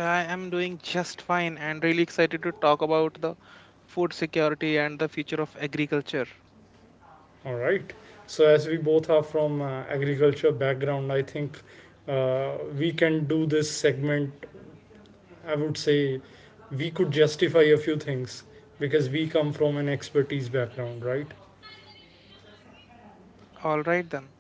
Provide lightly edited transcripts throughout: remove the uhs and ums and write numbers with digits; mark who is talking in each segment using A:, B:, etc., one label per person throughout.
A: I am doing just fine and really excited to talk about the food security and the future of agriculture. All right, then.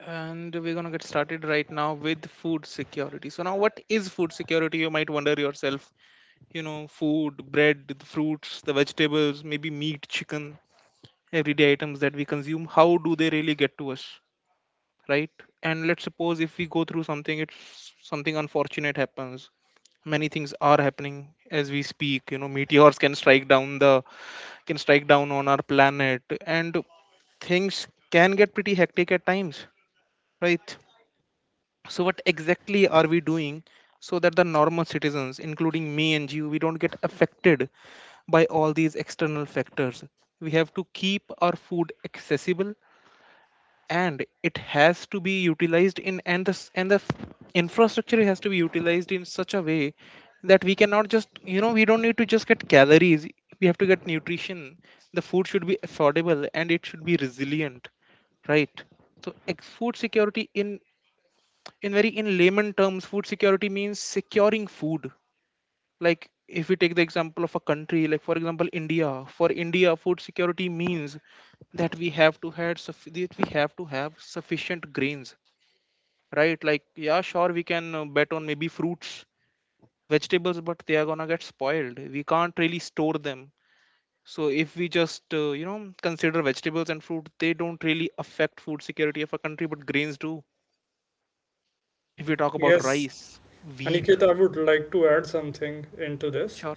A: And we're going to get started right now with food security. So, now what is food security? You might wonder yourself. You know, food, bread, the fruits, the vegetables, maybe meat, chicken, everyday items that we consume. How do they really get to us, right? And let's suppose if we go through something, it's something unfortunate happens. Many things are happening as we speak, meteors can strike down on our planet, and things can get pretty hectic at times, right? So what exactly are we doing so that the normal citizens, including me and you, we don't get affected by all these external factors? We have to keep our food accessible, and it has to be utilized in and the s- and the f- infrastructure has to be utilized in such a way that we cannot just you know we don't need to just get calories, we have to get nutrition. The food should be affordable, and it should be resilient, right? So food security in layman terms, food security means securing food. Like, if we take the example of a country, like, for example, India, for India food security means that we have to have sufficient grains, right? Like, yeah, sure, we can bet on maybe fruits, vegetables, but they are gonna get spoiled, we can't really store them. So if we just consider vegetables and fruit, they don't really affect food security of a country, but grains do. If we talk about rice, wheat. Sure.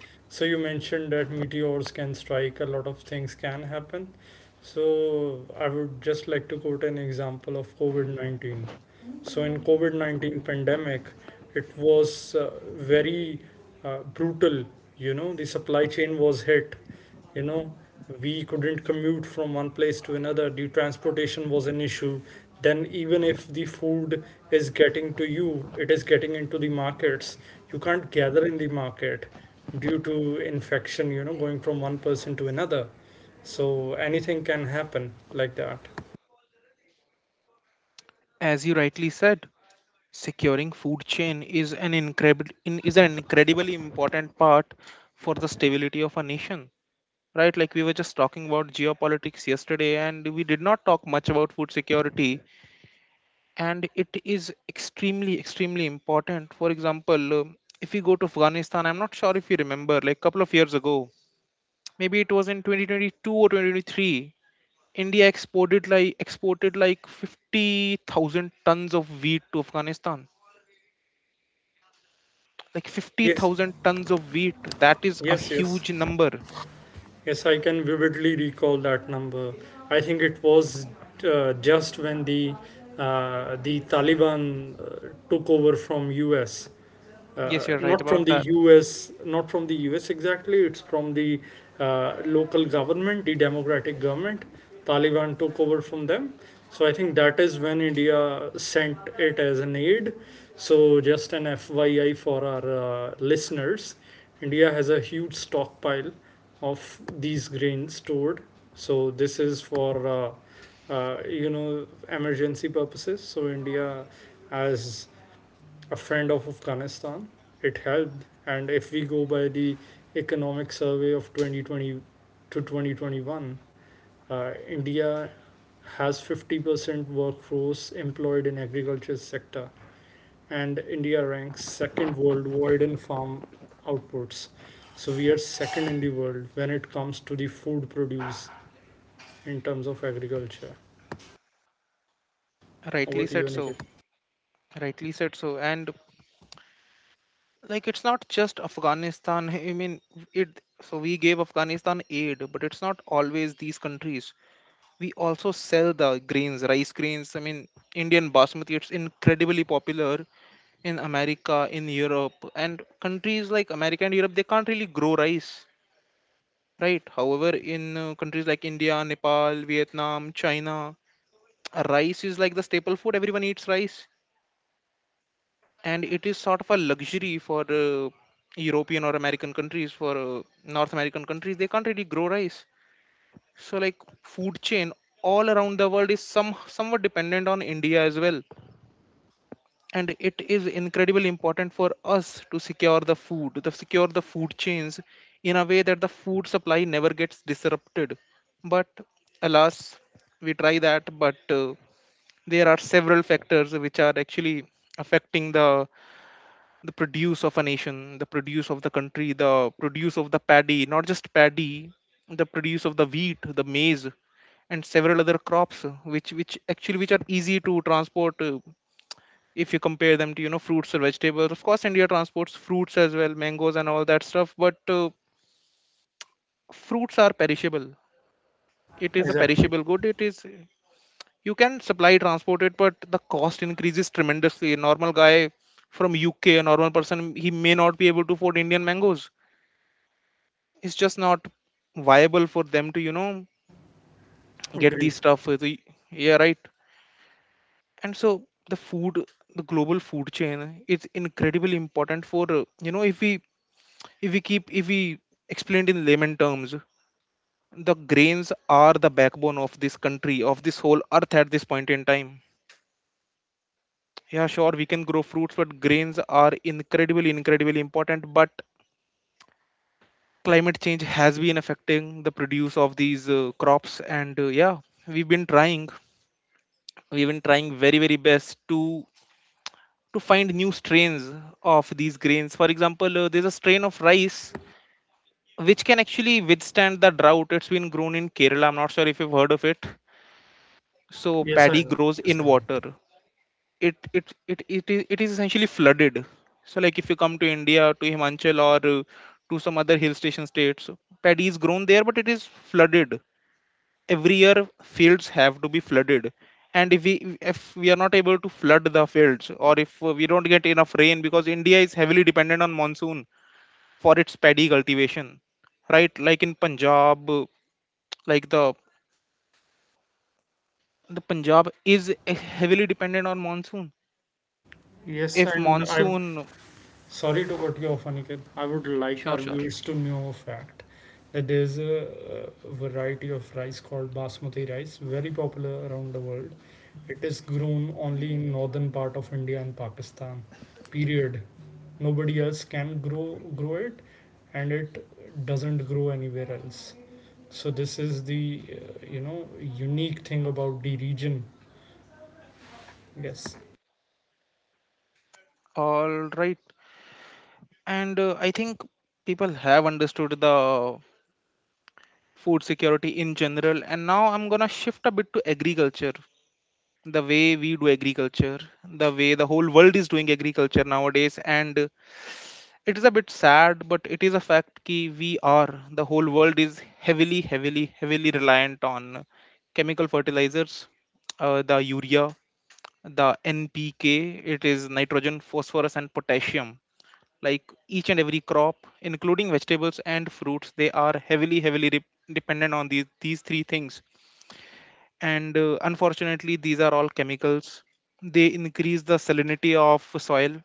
A: As you rightly said, securing food chain is an incredible is an incredibly important part for the stability of a nation. Right, like we were just talking about geopolitics yesterday, and we did not talk much about food security, and it is extremely, extremely important. For example, if you go to Afghanistan, I'm not sure if you remember, like a couple of years ago, maybe it was in 2022 or 2023, India exported like 50,000 tons of wheat to Afghanistan, like 50,000 tons of wheat. That is a huge number. Yes, you're right about that. Rightly said so. Rightly said so. And like it's not just Afghanistan. I mean, it. So we gave Afghanistan aid, but it's not always these countries. We also sell the grains, rice grains. I mean, Indian basmati. It's incredibly popular in America, in Europe, and countries like America and Europe. They can't really grow rice, right? However, in countries like India, Nepal, Vietnam, China. Rice is like the staple food. Everyone eats rice, and it is sort of a luxury for European or American countries. For North American countries, they can't really grow rice. So, like, food chain all around the world is somewhat dependent on India as well, and it is incredibly important for us to secure the food, to secure the food chains in a way that the food supply never gets disrupted. But alas, we try that, but there are several factors which are actually affecting the produce of a nation, the produce of the country, the produce of the paddy. Not just paddy, the produce of the wheat, the maize, and several other crops, which are easy to transport. If you compare them to, fruits or vegetables, of course India transports fruits as well, mangoes and all that stuff. But fruits are perishable. It is a perishable good. It is You can supply, transport it, but the cost increases tremendously. A normal guy from UK, a normal person, he may not be able to afford Indian mangoes. It's just not viable for them to, get these stuff yeah, right. And so the food, the global food chain, it's incredibly important for, if we, if we keep if we explained in layman terms, the grains are the backbone of this country, of this whole earth at this point in time. Yeah, sure, we can grow fruits, but grains are incredibly, incredibly important. But climate change has been affecting the produce of these crops. And yeah, we've been trying we've been trying very, very best to find new strains of these grains. For example, there's a strain of rice which can actually withstand the drought. It's been grown in Kerala. I'm not sure if you've heard of it. So paddy grows in water. It is essentially flooded. So, like, if you come to India, to Himachal, or to some other hill station states, paddy is grown there, but it is flooded every year. Fields have to be flooded. And if we are not able to flood the fields, or if we don't get enough rain, because India is heavily dependent on monsoon for its paddy cultivation. Right, like, in Punjab, like the Punjab is heavily dependent on monsoon. If monsoon. Sure, sure. All right. And I think people have understood the food security in general. And now I'm gonna shift a bit to agriculture. The way we do agriculture, the way the whole world is doing agriculture nowadays. And it is a bit sad, but it is a fact ki we are the whole world is heavily, heavily, heavily reliant on chemical fertilizers. The urea, the NPK, it is nitrogen, phosphorus, and potassium. Like, each and every crop including vegetables and fruits, they are heavily, heavily dependent on these three things. And unfortunately these are all chemicals, they increase the salinity of soil.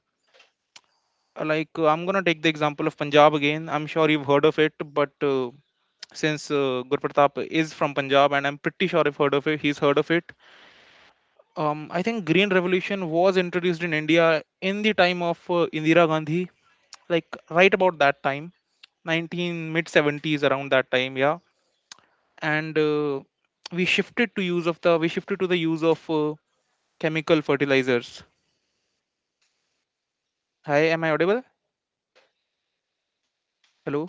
A: I'm going to take the example of Punjab again. I'm sure you've heard of it, but since Gurpratap is from Punjab, and I'm pretty sure I've heard of it he's heard of it. I think green revolution was introduced in India in the time of Indira Gandhi. Like, right about that time. 19 mid 70s, around that time. Yeah. And we shifted to the use of chemical fertilizers. Hi, am I audible? Hello.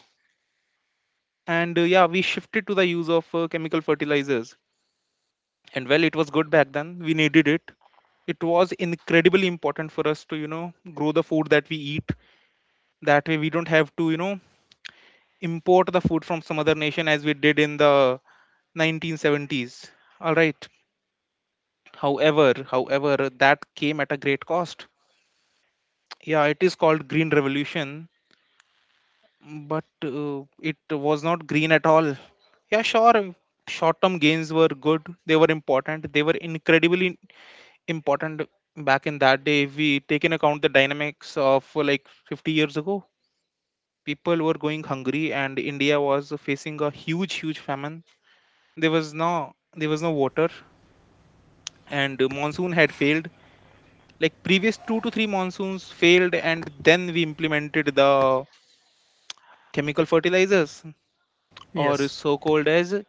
A: And yeah, we shifted to the use of chemical fertilizers. And, well, it was good back then. We needed it. It was incredibly important for us to, grow the food that we eat, that way we don't have to, import the food from some other nation as we did in the 1970s. All right. However, however that came at a great cost. Yeah, it is called green revolution, but it was not green at all. Yeah, sure. Short term gains were good, they were important, they were incredibly important. Back in that day, if we take in account the dynamics of, like, 50 years ago, people were going hungry, and India was facing a huge, huge famine. There was no water. And monsoon had failed. Like, previous 2 to 3 monsoons failed, and then we implemented the chemical fertilizers, or
B: Yes,
A: so called as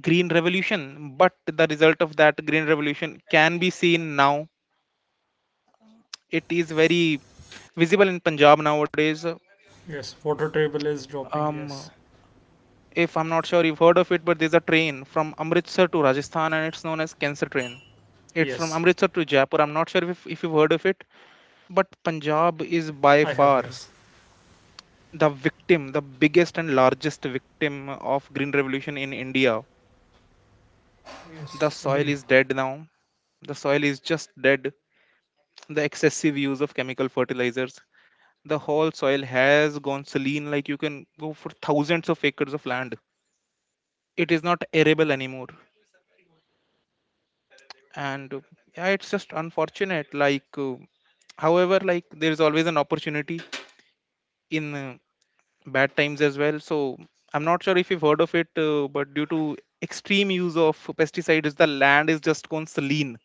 A: green revolution. But the result of that green revolution can be seen now. It is very visible in Punjab nowadays.
B: yes. Water table is dropping.
A: um
B: Yes,
A: if I'm not sure you've heard of it, but there's a train from Amritsar to Rajasthan, and it's known as cancer train. It's from
B: yes.
A: Amritsar to Jaipur. I'm not sure if you've heard of it. But Punjab is by
B: I have,
A: far
B: yes.
A: the biggest and largest victim of green revolution in India. The
B: Yes,
A: soil
B: agreed.
A: is dead now. The soil is just dead. The excessive use of chemical fertilizers, the whole soil has gone saline. Like, you can go for thousands of acres of land. It is not arable anymore. And yeah, it's just unfortunate. Like, however, like, there is always an opportunity in bad times as well. So I'm not sure if you've heard of it, but due to extreme use of pesticides, the land is just gone saline.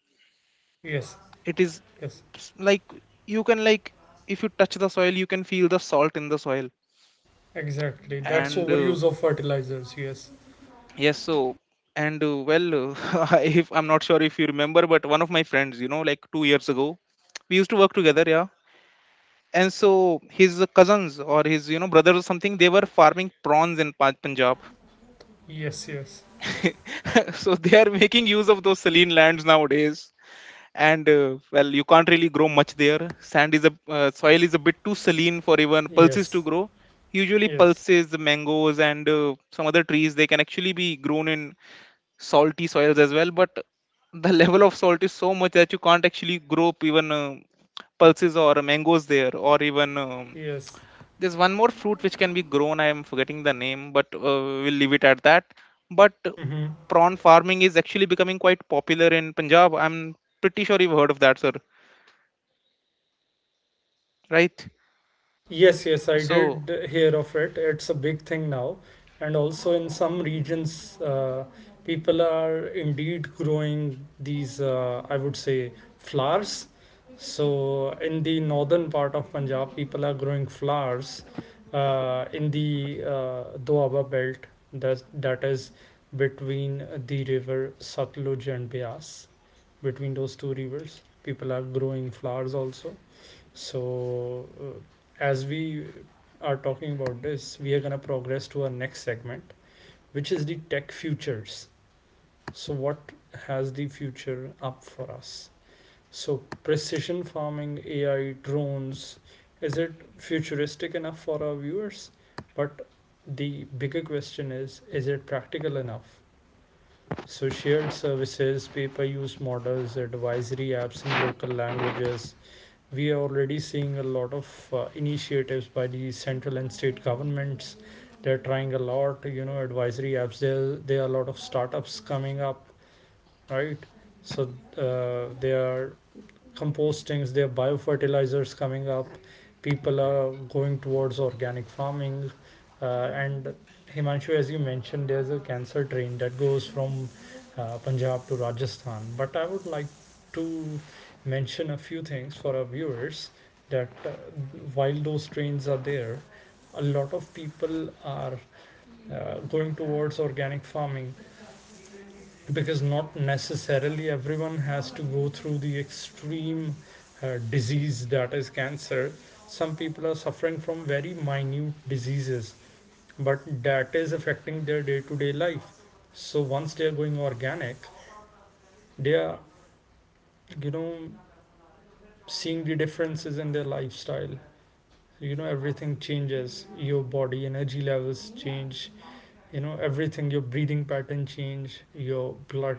B: Yes,
A: it is
B: yes,
A: like, you can, like, if you touch the soil, you can feel the salt in the soil.
B: exactly. That's
A: And
B: overuse of fertilizers. Yes,
A: yes, so, and well, if I'm not sure if you remember, but one of my friends, like 2 years ago, we used to work together, yeah. And so his cousins, or his, brother or something, they were farming prawns in Punjab.
B: yes, yes,
A: So they are making use of those saline lands nowadays. And well, you can't really grow much there. Sand is a Soil is a bit too saline for even pulses to
B: yes,
A: grow. Usually,
B: yes,
A: pulses, mangoes, and some other trees, they can actually be grown in salty soils as well. But the level of salt is so much that you can't actually grow up even pulses or mangoes there, or even
B: yes.
A: there's one more fruit which can be grown. I am forgetting the name, but we'll leave it at that. But
B: Mm-hmm.
A: prawn farming is actually becoming quite popular in Punjab. I'm pretty sure you've heard of that, sir, right?
B: Yes, yes, I
A: So,
B: did hear of it. It's a big thing now. And also in some regions, people are indeed growing these, I would say, flowers. So in the northern part of Punjab, people are growing flowers in the Doaba belt that is between the river Satluj and Bias. Between those two rivers, people are growing flowers also. So as we are talking about this, we are going to progress to our next segment, which is the tech futures. So, what has the future up for us? So, precision farming, AI, drones, is it futuristic enough for our viewers? But the bigger question is it practical enough? So, shared services, pay per use models, advisory apps in local languages, we are already seeing a lot of initiatives by the central and state governments. They're trying a lot, you know, advisory apps, there are a lot of startups coming up, right? So they are compostings, there are biofertilizers coming up. People are going towards organic farming. And Himanshu, as you mentioned, there's a cancer train that goes from Punjab to Rajasthan. But I would like to mention a few things for our viewers that while those trains are there, a lot of people are going towards organic farming because not necessarily everyone has to go through the extreme disease that is cancer. Some people are suffering from very minute diseases, but that is affecting their day-to-day life. So once they are going organic, they are, you know, seeing the differences in their lifestyle. You know, everything changes, your body energy levels change, you know, everything, your breathing pattern change, your blood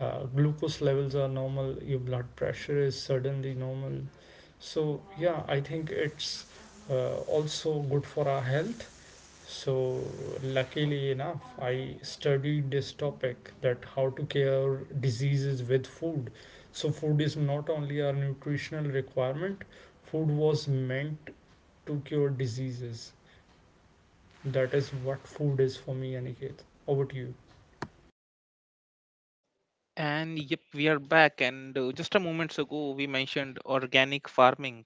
B: glucose levels are normal, your blood pressure is suddenly normal. So yeah, I think it's also good for our health. So luckily enough, I studied this topic, that how to cure diseases with food. So food is not only our nutritional requirement, food was meant to cure diseases. That is what food is for me. Aniket, over to you.
A: and yep, we are back, and just a moment ago we mentioned organic farming.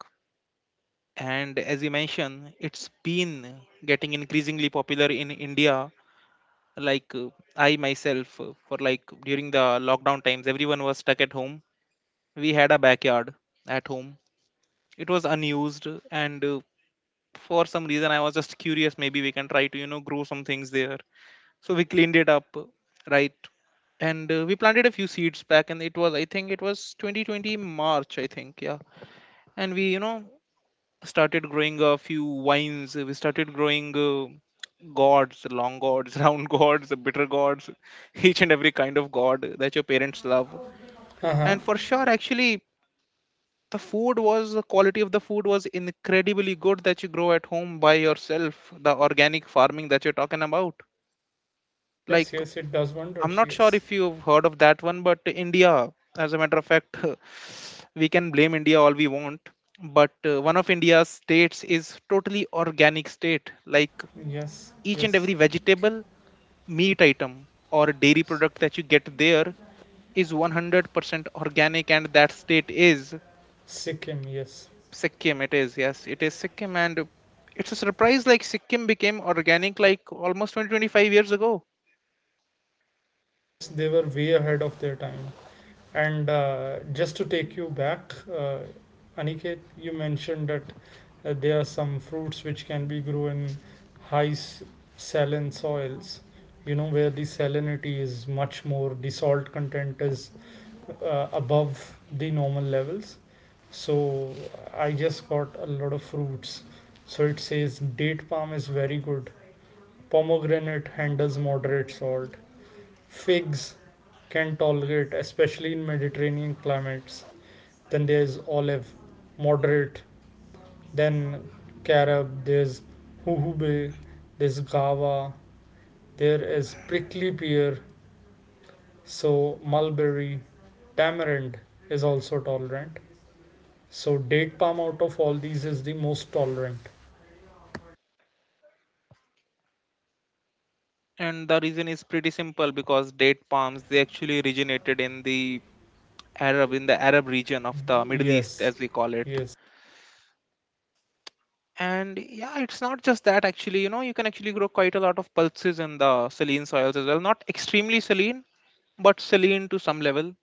A: And as you mentioned, it's been getting increasingly popular in India. Like I myself, for like during the lockdown times, everyone was stuck at home. We had a backyard at home. It was unused, and for some reason I was just curious, maybe we can try to you know grow some things there. So we cleaned it up, right. And we planted a few seeds back, and it was, I think it was 2020 March, I think, yeah. And we, you know, started growing a few wines. We started growing gods, long gods, round gods, bitter gods, each and every kind of god that your parents love.
B: Uh-huh.
A: And for sure, actually, the quality of the food was incredibly good that you grow at home by yourself. The organic farming that you're talking about, like,
B: Yes, yes, it does
A: I'm
B: wonders.
A: not sure
B: Yes.
A: if you've heard of that one, but India, as a matter of fact, we can blame India all we want, but one of India's states is totally organic state, like
B: Yes,
A: each and
B: yes.
A: every vegetable, meat item, or dairy
B: S-
A: product that you get there is 100% organic, and that state is
B: Sikkim, yes.
A: Sikkim. It is, yes, it is Sikkim, and it's a surprise, like Sikkim became organic like almost 20 25 years ago.
B: Yes, they were way
A: Mm.
B: ahead of their time. And Just to take you back, Aniket, you mentioned that there are some fruits which can be grown in high s- saline soils, you know, where the salinity is much more, the salt content is above the normal levels. So I just got a lot of fruits. So it says date palm is very good. Pomegranate handles moderate salt. Figs can tolerate, especially in Mediterranean climates. Then there's olive, moderate. Then carob. There's huhube. There's guava. There is prickly pear. So mulberry, tamarind is also tolerant. So date palm out of all these is the most tolerant.
A: And the reason is pretty simple, because date palms, they actually originated in the Arab region of the Middle East,
B: Yes,
A: as we call it.
B: yes,
A: And yeah, it's not just that, actually, you know, you can actually grow quite a lot of pulses in the saline soils as well. Not extremely saline, but saline to some level.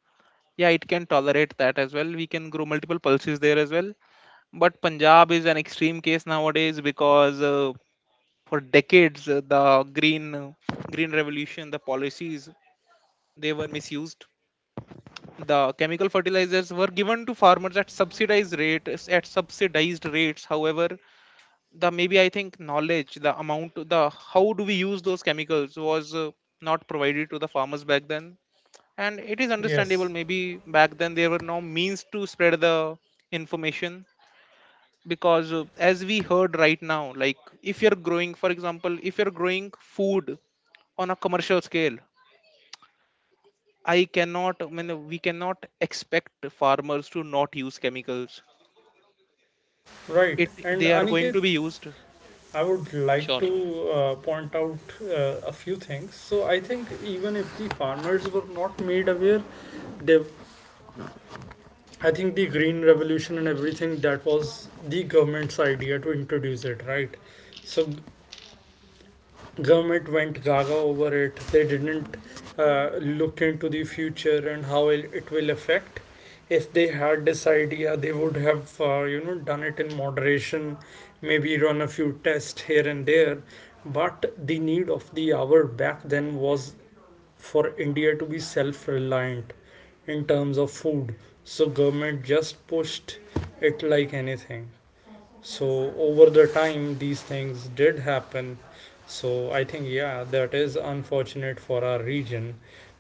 A: Yeah, it can tolerate that as well. We can grow multiple pulses there as well. But Punjab is an extreme case nowadays, because for decades, the green revolution, the policies, they were misused. The chemical fertilizers were given to farmers at subsidized rates, at subsidized rates. However, the, maybe, I think, knowledge, the amount, the how do we use those chemicals was not provided to the farmers back then, and it is understandable,
B: yes.
A: maybe back then there were no means to spread the information, because as we heard right now, like, if you're growing, for example, if you're growing food on a commercial scale, I mean, we cannot expect farmers to not use chemicals.
B: Right.
A: It
B: And
A: They are going
B: Aniket,
A: to be used.
B: I would like to point out a few things. So I think even if the farmers were not made aware, they, I think the green revolution and everything, that was the government's idea to introduce it, right? So government went gaga over it, they didn't look into the future and how it will affect. If they had this idea, they would have, you know, done it in moderation, maybe run a few tests here and there. But the need of the hour back then was for India to be self reliant in terms of food. So government just pushed it like anything. So over the time, these things did happen. So I think, yeah, that is unfortunate for our region.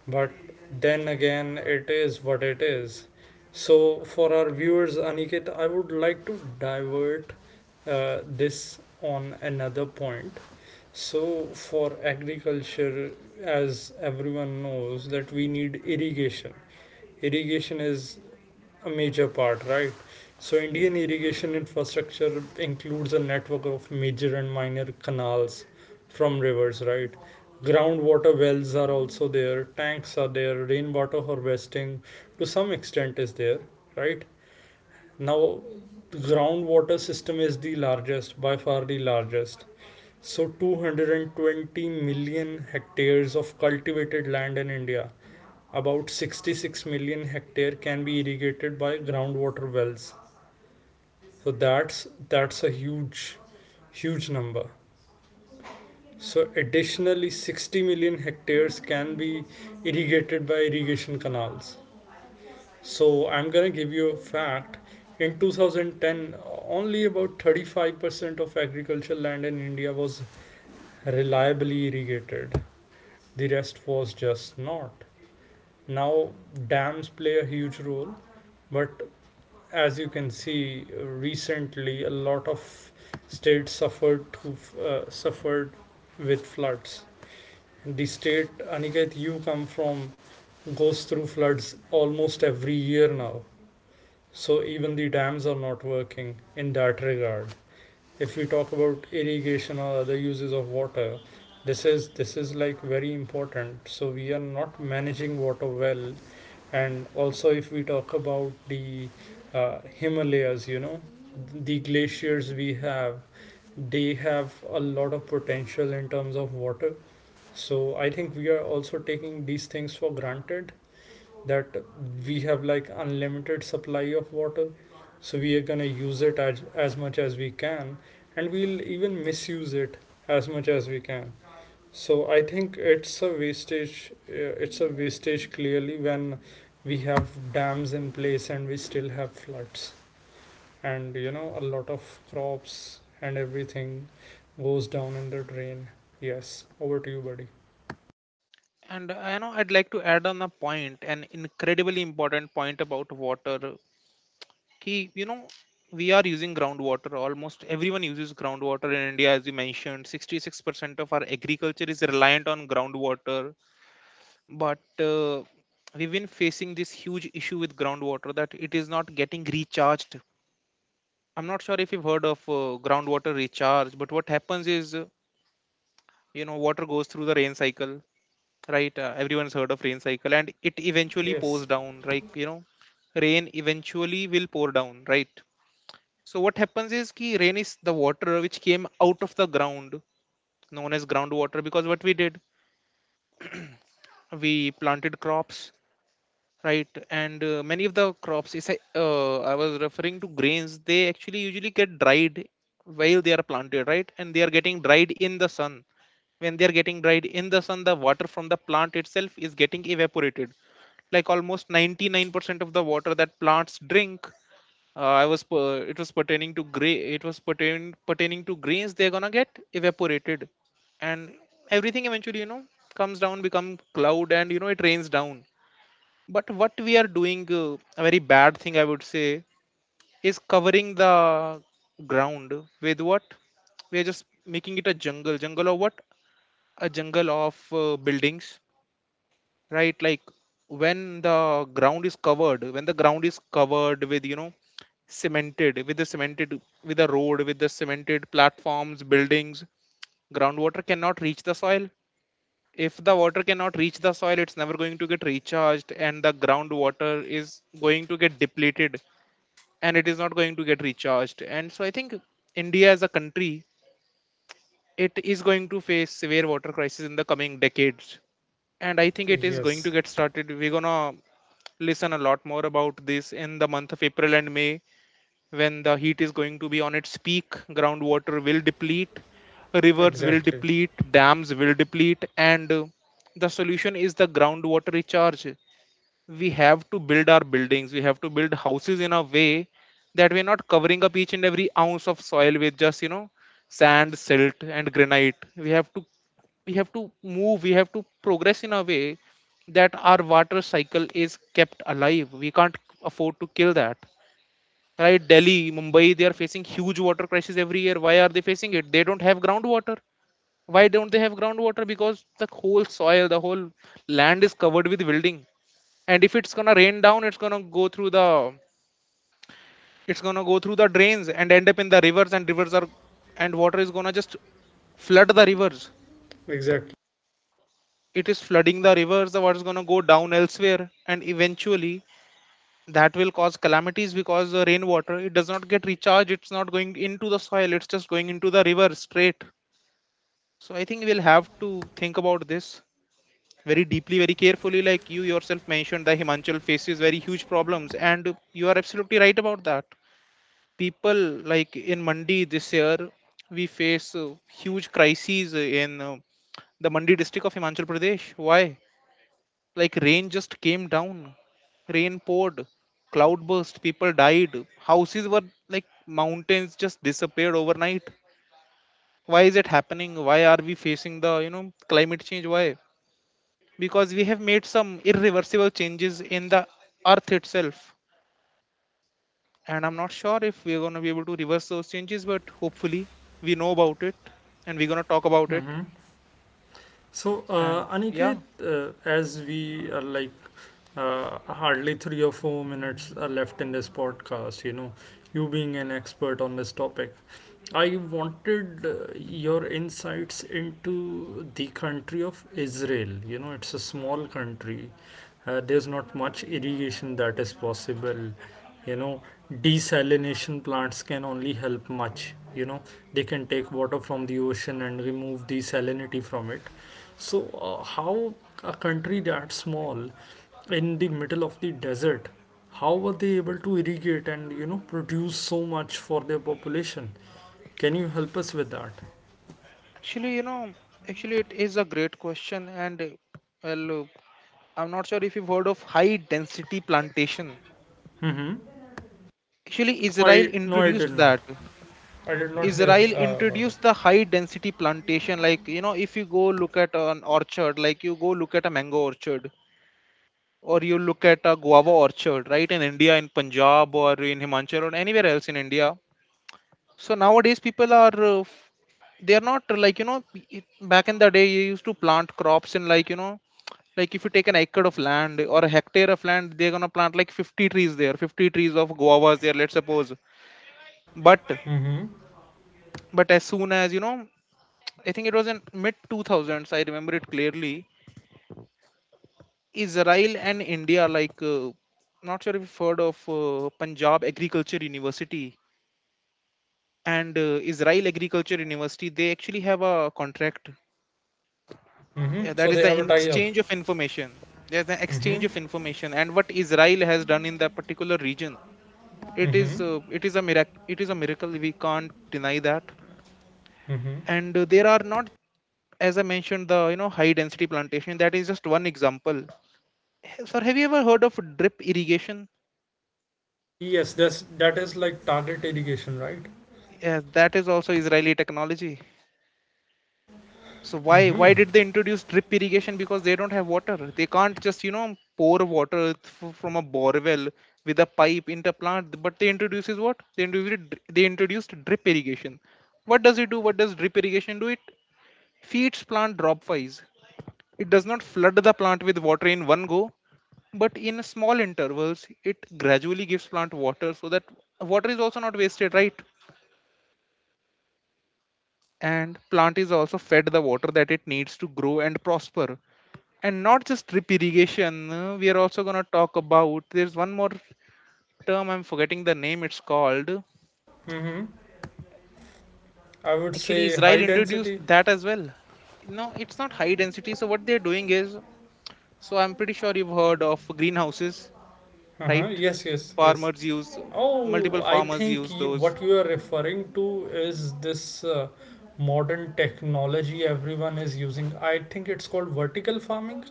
B: But then again, it is what it is. So for our viewers, Aniket, I would like to divert this on another point. So for agriculture, as everyone knows, that we need irrigation. Irrigation is a major part, right? So, Indian irrigation infrastructure includes a network of major and minor canals from rivers, right? Groundwater wells are also there, tanks are there, rainwater harvesting to some extent is there, right? Now, the groundwater system is the largest, by far the largest. So, 220 million hectares of cultivated land in India, about 66 million hectare can be irrigated by groundwater wells. So that's a huge huge number. So additionally 60 million hectares can be irrigated by irrigation canals. So I'm going to give you a fact. In 2010, only about 35% of agricultural land in India was reliably irrigated. The rest was just not. Now, dams play a huge role, but as you can see, recently a lot of states suffered to, suffered with floods. The state Aniket you come from goes through floods almost every year now. So even the dams are not working in that regard. If we talk about irrigation or other uses of water, this is like very important. So we are not managing water well. And also if we talk about the, Himalayas, you know, the glaciers we have, they have a lot of potential in terms of water. So I think we are also taking these things for granted, that we have like unlimited supply of water, so we are going to use it as much as we can, and we'll even misuse it as much as we can. So I think it's a wastage. It's a wastage clearly when we have dams in place and we still have floods, and you know a lot of crops and everything goes down in the drain. Yes, over to you, buddy.
A: And you know, I'd like to add on a point, an incredibly important point about water. Ki, you know, we are using groundwater. Almost everyone uses groundwater in India, as you mentioned. 66% of our agriculture is reliant on groundwater. But we've been facing this huge issue with groundwater that it is not getting recharged. I'm not sure if you've heard of groundwater recharge, but what happens is, you know, water goes through the rain cycle, right? Everyone's heard of rain cycle, and it eventually
B: Yes,
A: pours down, right, you know, rain eventually will pour down, right? So what happens is, ki rain is the water which came out of the ground, known as groundwater, because what we did, we planted crops, right? And many of the crops, is, I was referring to grains, they actually usually get dried while they are planted, right? And they are getting dried in the sun. When they are getting dried in the sun, the water from the plant itself is getting evaporated, like almost 99% of the water that plants drink. It was pertaining to gray, it was pertaining to grains. They're gonna get evaporated. And everything eventually, you know, comes down, become cloud, and you know it rains down. But what we are doing, a very bad thing I would say, is covering the ground with what? We are just making it a jungle, jungle of what? A jungle of buildings, right? Like, when the ground is covered when the ground is covered with, you know, cemented, with the cemented, with the road, with the cemented platforms, buildings, groundwater cannot reach the soil. If the water cannot reach the soil, it's never going to get recharged, and the groundwater is going to get depleted, and it is not going to get recharged. And so I think India, as a country, it is going to face severe water crisis in the coming decades. And I think it is going to
B: yes,
A: get started. We're gonna listen a lot more about this in the month of April and May, when the heat is going to be on its peak. Groundwater will deplete, rivers will
B: exactly,
A: deplete, dams will deplete, and the solution is the groundwater recharge. We have to build our buildings, we have to build houses in a way that we are not covering up each and every ounce of soil with just, you know, sand, silt, and granite. We have to move, we have to progress in a way that our water cycle is kept alive. We can't afford to kill that, right? Delhi, Mumbai, they are facing huge water crisis every year. Why are they facing it? They don't have groundwater. Why don't they have groundwater? Because the whole land is covered with building. And if it's gonna rain down, it's gonna go through the drains and end up in the rivers, and rivers are and water is gonna just flood the rivers.
B: exactly.
A: It is flooding the rivers. The water is gonna go down elsewhere, and eventually that will cause calamities, because the rainwater, it does not get recharged, it's not going into the soil, it's just going into the river straight. So I think we'll have to think about this very deeply, very carefully. Like you yourself mentioned, the Himachal faces very huge problems, and you are absolutely right about that. People like in Mandi this year, we face huge crises in the Mandi district of Himachal Pradesh. Why? Like, rain just came down, rain poured, cloud burst, people died, houses were, like, mountains just disappeared overnight. Why is it happening? Why are we facing the, you know, climate change? Why? Because we have made some irreversible changes in the earth itself. And I'm not sure if we're going to be able to reverse those changes, but hopefully we know about it and we're going to talk about it.
B: Mm-hmm. So,
A: And
B: Aniket,
A: yeah,
B: as we are like, hardly 3 or 4 minutes are left in this podcast, you know, you being an expert on this topic, I wanted, your insights into the country of Israel. You know, it's a small country, there's not much irrigation that is possible, you know, desalination plants can only help much, you know, they can take water from the ocean and remove the salinity from it. So how a country that small, in the middle of the desert, how were they able to irrigate and you know produce so much for their population? Can you help us with that?
A: actually, you know, actually, it is a great question. And well, I'm not sure if you've heard of high density plantation.
B: Mm-hmm.
A: Actually,
B: No, I,
A: Israel
B: no, I did
A: introduced
B: not,
A: that.
B: I did not hear
A: Israel
B: about
A: introduced
B: it.
A: the high density plantation. Like, you know, if you go look at an orchard, like you go look at a mango orchard or you look at a guava orchard, right, in India, in Punjab or in Himachal or anywhere else in India, so nowadays, people are, they are not like you know, back in the day, you used to plant crops in, like you know, like, if you take an acre of land or a hectare of land, they're gonna plant like 50 trees there, 50 trees of guavas there, let's suppose. But as soon as, you know, I think it was in mid 2000s. I remember it clearly. Israel and India, like, not sure if you've heard of Punjab Agriculture University and Israel Agriculture University, they actually have a contract.
B: Mm-hmm.
A: Yeah, that
B: So
A: is
B: they
A: the
B: have a tie up.
A: exchange of information. There's an exchange
B: Mm-hmm.
A: of information, and what Israel has done in that particular region,
B: Mm-hmm.
A: it is a miracle. It is a miracle. We can't deny that.
B: Mm-hmm.
A: And there are not, as I mentioned, the, you know, high density plantation. That is just one example. Sir, have you ever heard of drip irrigation?
B: Yes, that's, that is like target irrigation, right?
A: Yes, that is also Israeli technology. So why did they introduce drip irrigation? Because they don't have water. They can't just, you know, pour water from a bore well with a pipe into plant. But they introduces what? They introduced drip irrigation. What does it do? What does drip irrigation do? It feeds plant drop wise. It does not flood the plant with water in one go, but in small intervals, it gradually gives plant water so that water is also not wasted, right? And plant is also fed the water that it needs to grow and prosper. And not just drip irrigation, we are also going to talk about there's one more term. I'm forgetting the name. It's called,
B: I would
A: actually,
B: say high
A: Israel introduced
B: density.
A: that as well. No, it's not high density. So what they're doing is, so I'm pretty sure you've heard of greenhouses,
B: Uh-huh.
A: right?
B: Yes, yes, yes.
A: farmers use
B: Oh,
A: Multiple
B: I
A: farmers
B: think
A: use
B: you,
A: those.
B: what you are referring to is this, modern technology everyone is using. I think it's called vertical farming.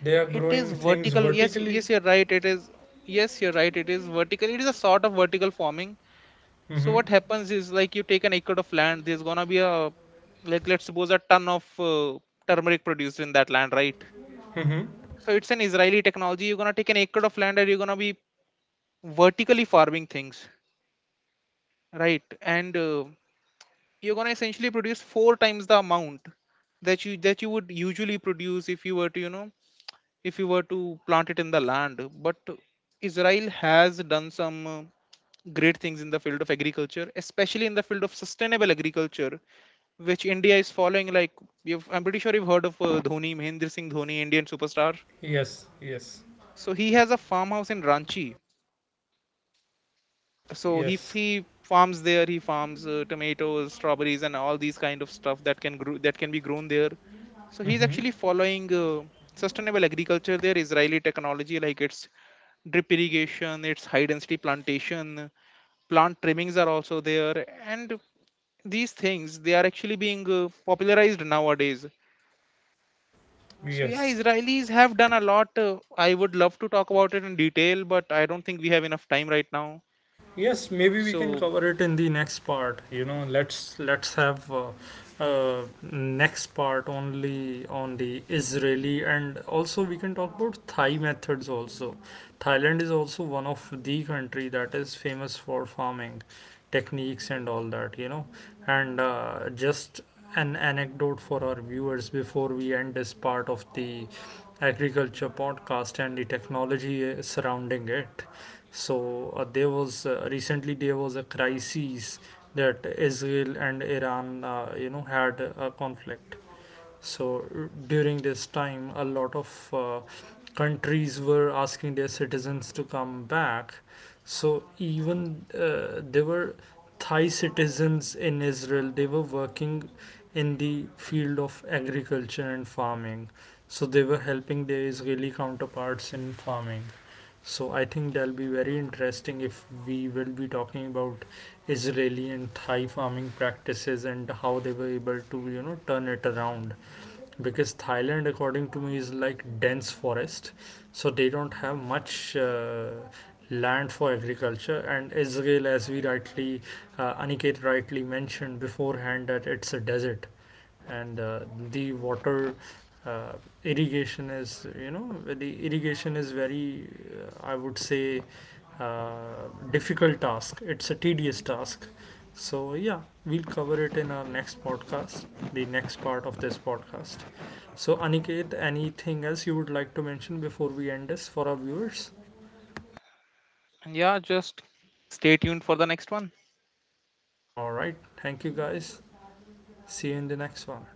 B: They are
A: It is
B: growing things
A: vertical, yes,
B: vertically.
A: yes, you're right, it is. Yes, you're right, it is vertical. It is a sort of vertical farming. So
B: Mm-hmm.
A: what happens is, like, you take an acre of land, there's gonna be a, like, let's suppose a ton of turmeric produced in that land, right?
B: Mm-hmm.
A: So it's an Israeli technology. You're gonna take an acre of land and you're gonna be vertically farming things, right? And you're gonna essentially produce four times the amount that you would usually produce, if you were to, you know, if you were to plant it in the land. But Israel has done some great things in the field of agriculture, especially in the field of sustainable agriculture, which India is following. I'm pretty sure you've heard of Dhoni, Mahendra Singh Dhoni, Indian superstar.
B: Yes, yes,
A: So he has a farmhouse in Ranchi. So he
B: yes.
A: he farms there. He farms tomatoes, strawberries, and all these kind of stuff that can grow that can be grown there. So he's
B: Mm-hmm.
A: actually following, sustainable agriculture there, Israeli technology. Like, it's drip irrigation, it's high density plantation, plant trimmings are also there, and these things, they are actually being popularized nowadays. So yeah,
B: Yes.
A: Israelis have done a lot. I would love to talk about it in detail, but I don't think we have enough time right now.
B: Yes, maybe we can
A: So
B: cover it in the next part. You know, let's have next part only on the Israeli, and also we can talk about Thai methods also. Thailand is also one of the country that is famous for farming techniques and all that. You know, and just an anecdote for our viewers before we end this part of the agriculture podcast and the technology surrounding it. So there was, recently there was a crisis, that Israel and Iran, you know, had a conflict. So during this time, a lot of, countries were asking their citizens to come back. So even, there were Thai citizens in Israel. They were working in the field of agriculture and farming. So they were helping their Israeli counterparts in farming. So I think that'll be very interesting if we will be talking about Israeli and Thai farming practices, and how they were able to, you know, turn it around. Because Thailand according to me is like dense forest, so they don't have much, land for agriculture. And Israel, as we rightly, Aniket rightly mentioned beforehand, that it's a desert. And the water, uh, irrigation is, you know, the irrigation is very, I would say, difficult task, it's a tedious task. So yeah, we'll cover it in our next podcast, the next part of this podcast. So Aniket, anything else you would like to mention before we end this for our viewers?
A: yeah, just stay tuned for the next one.
B: All right, thank you guys, see you in the next one.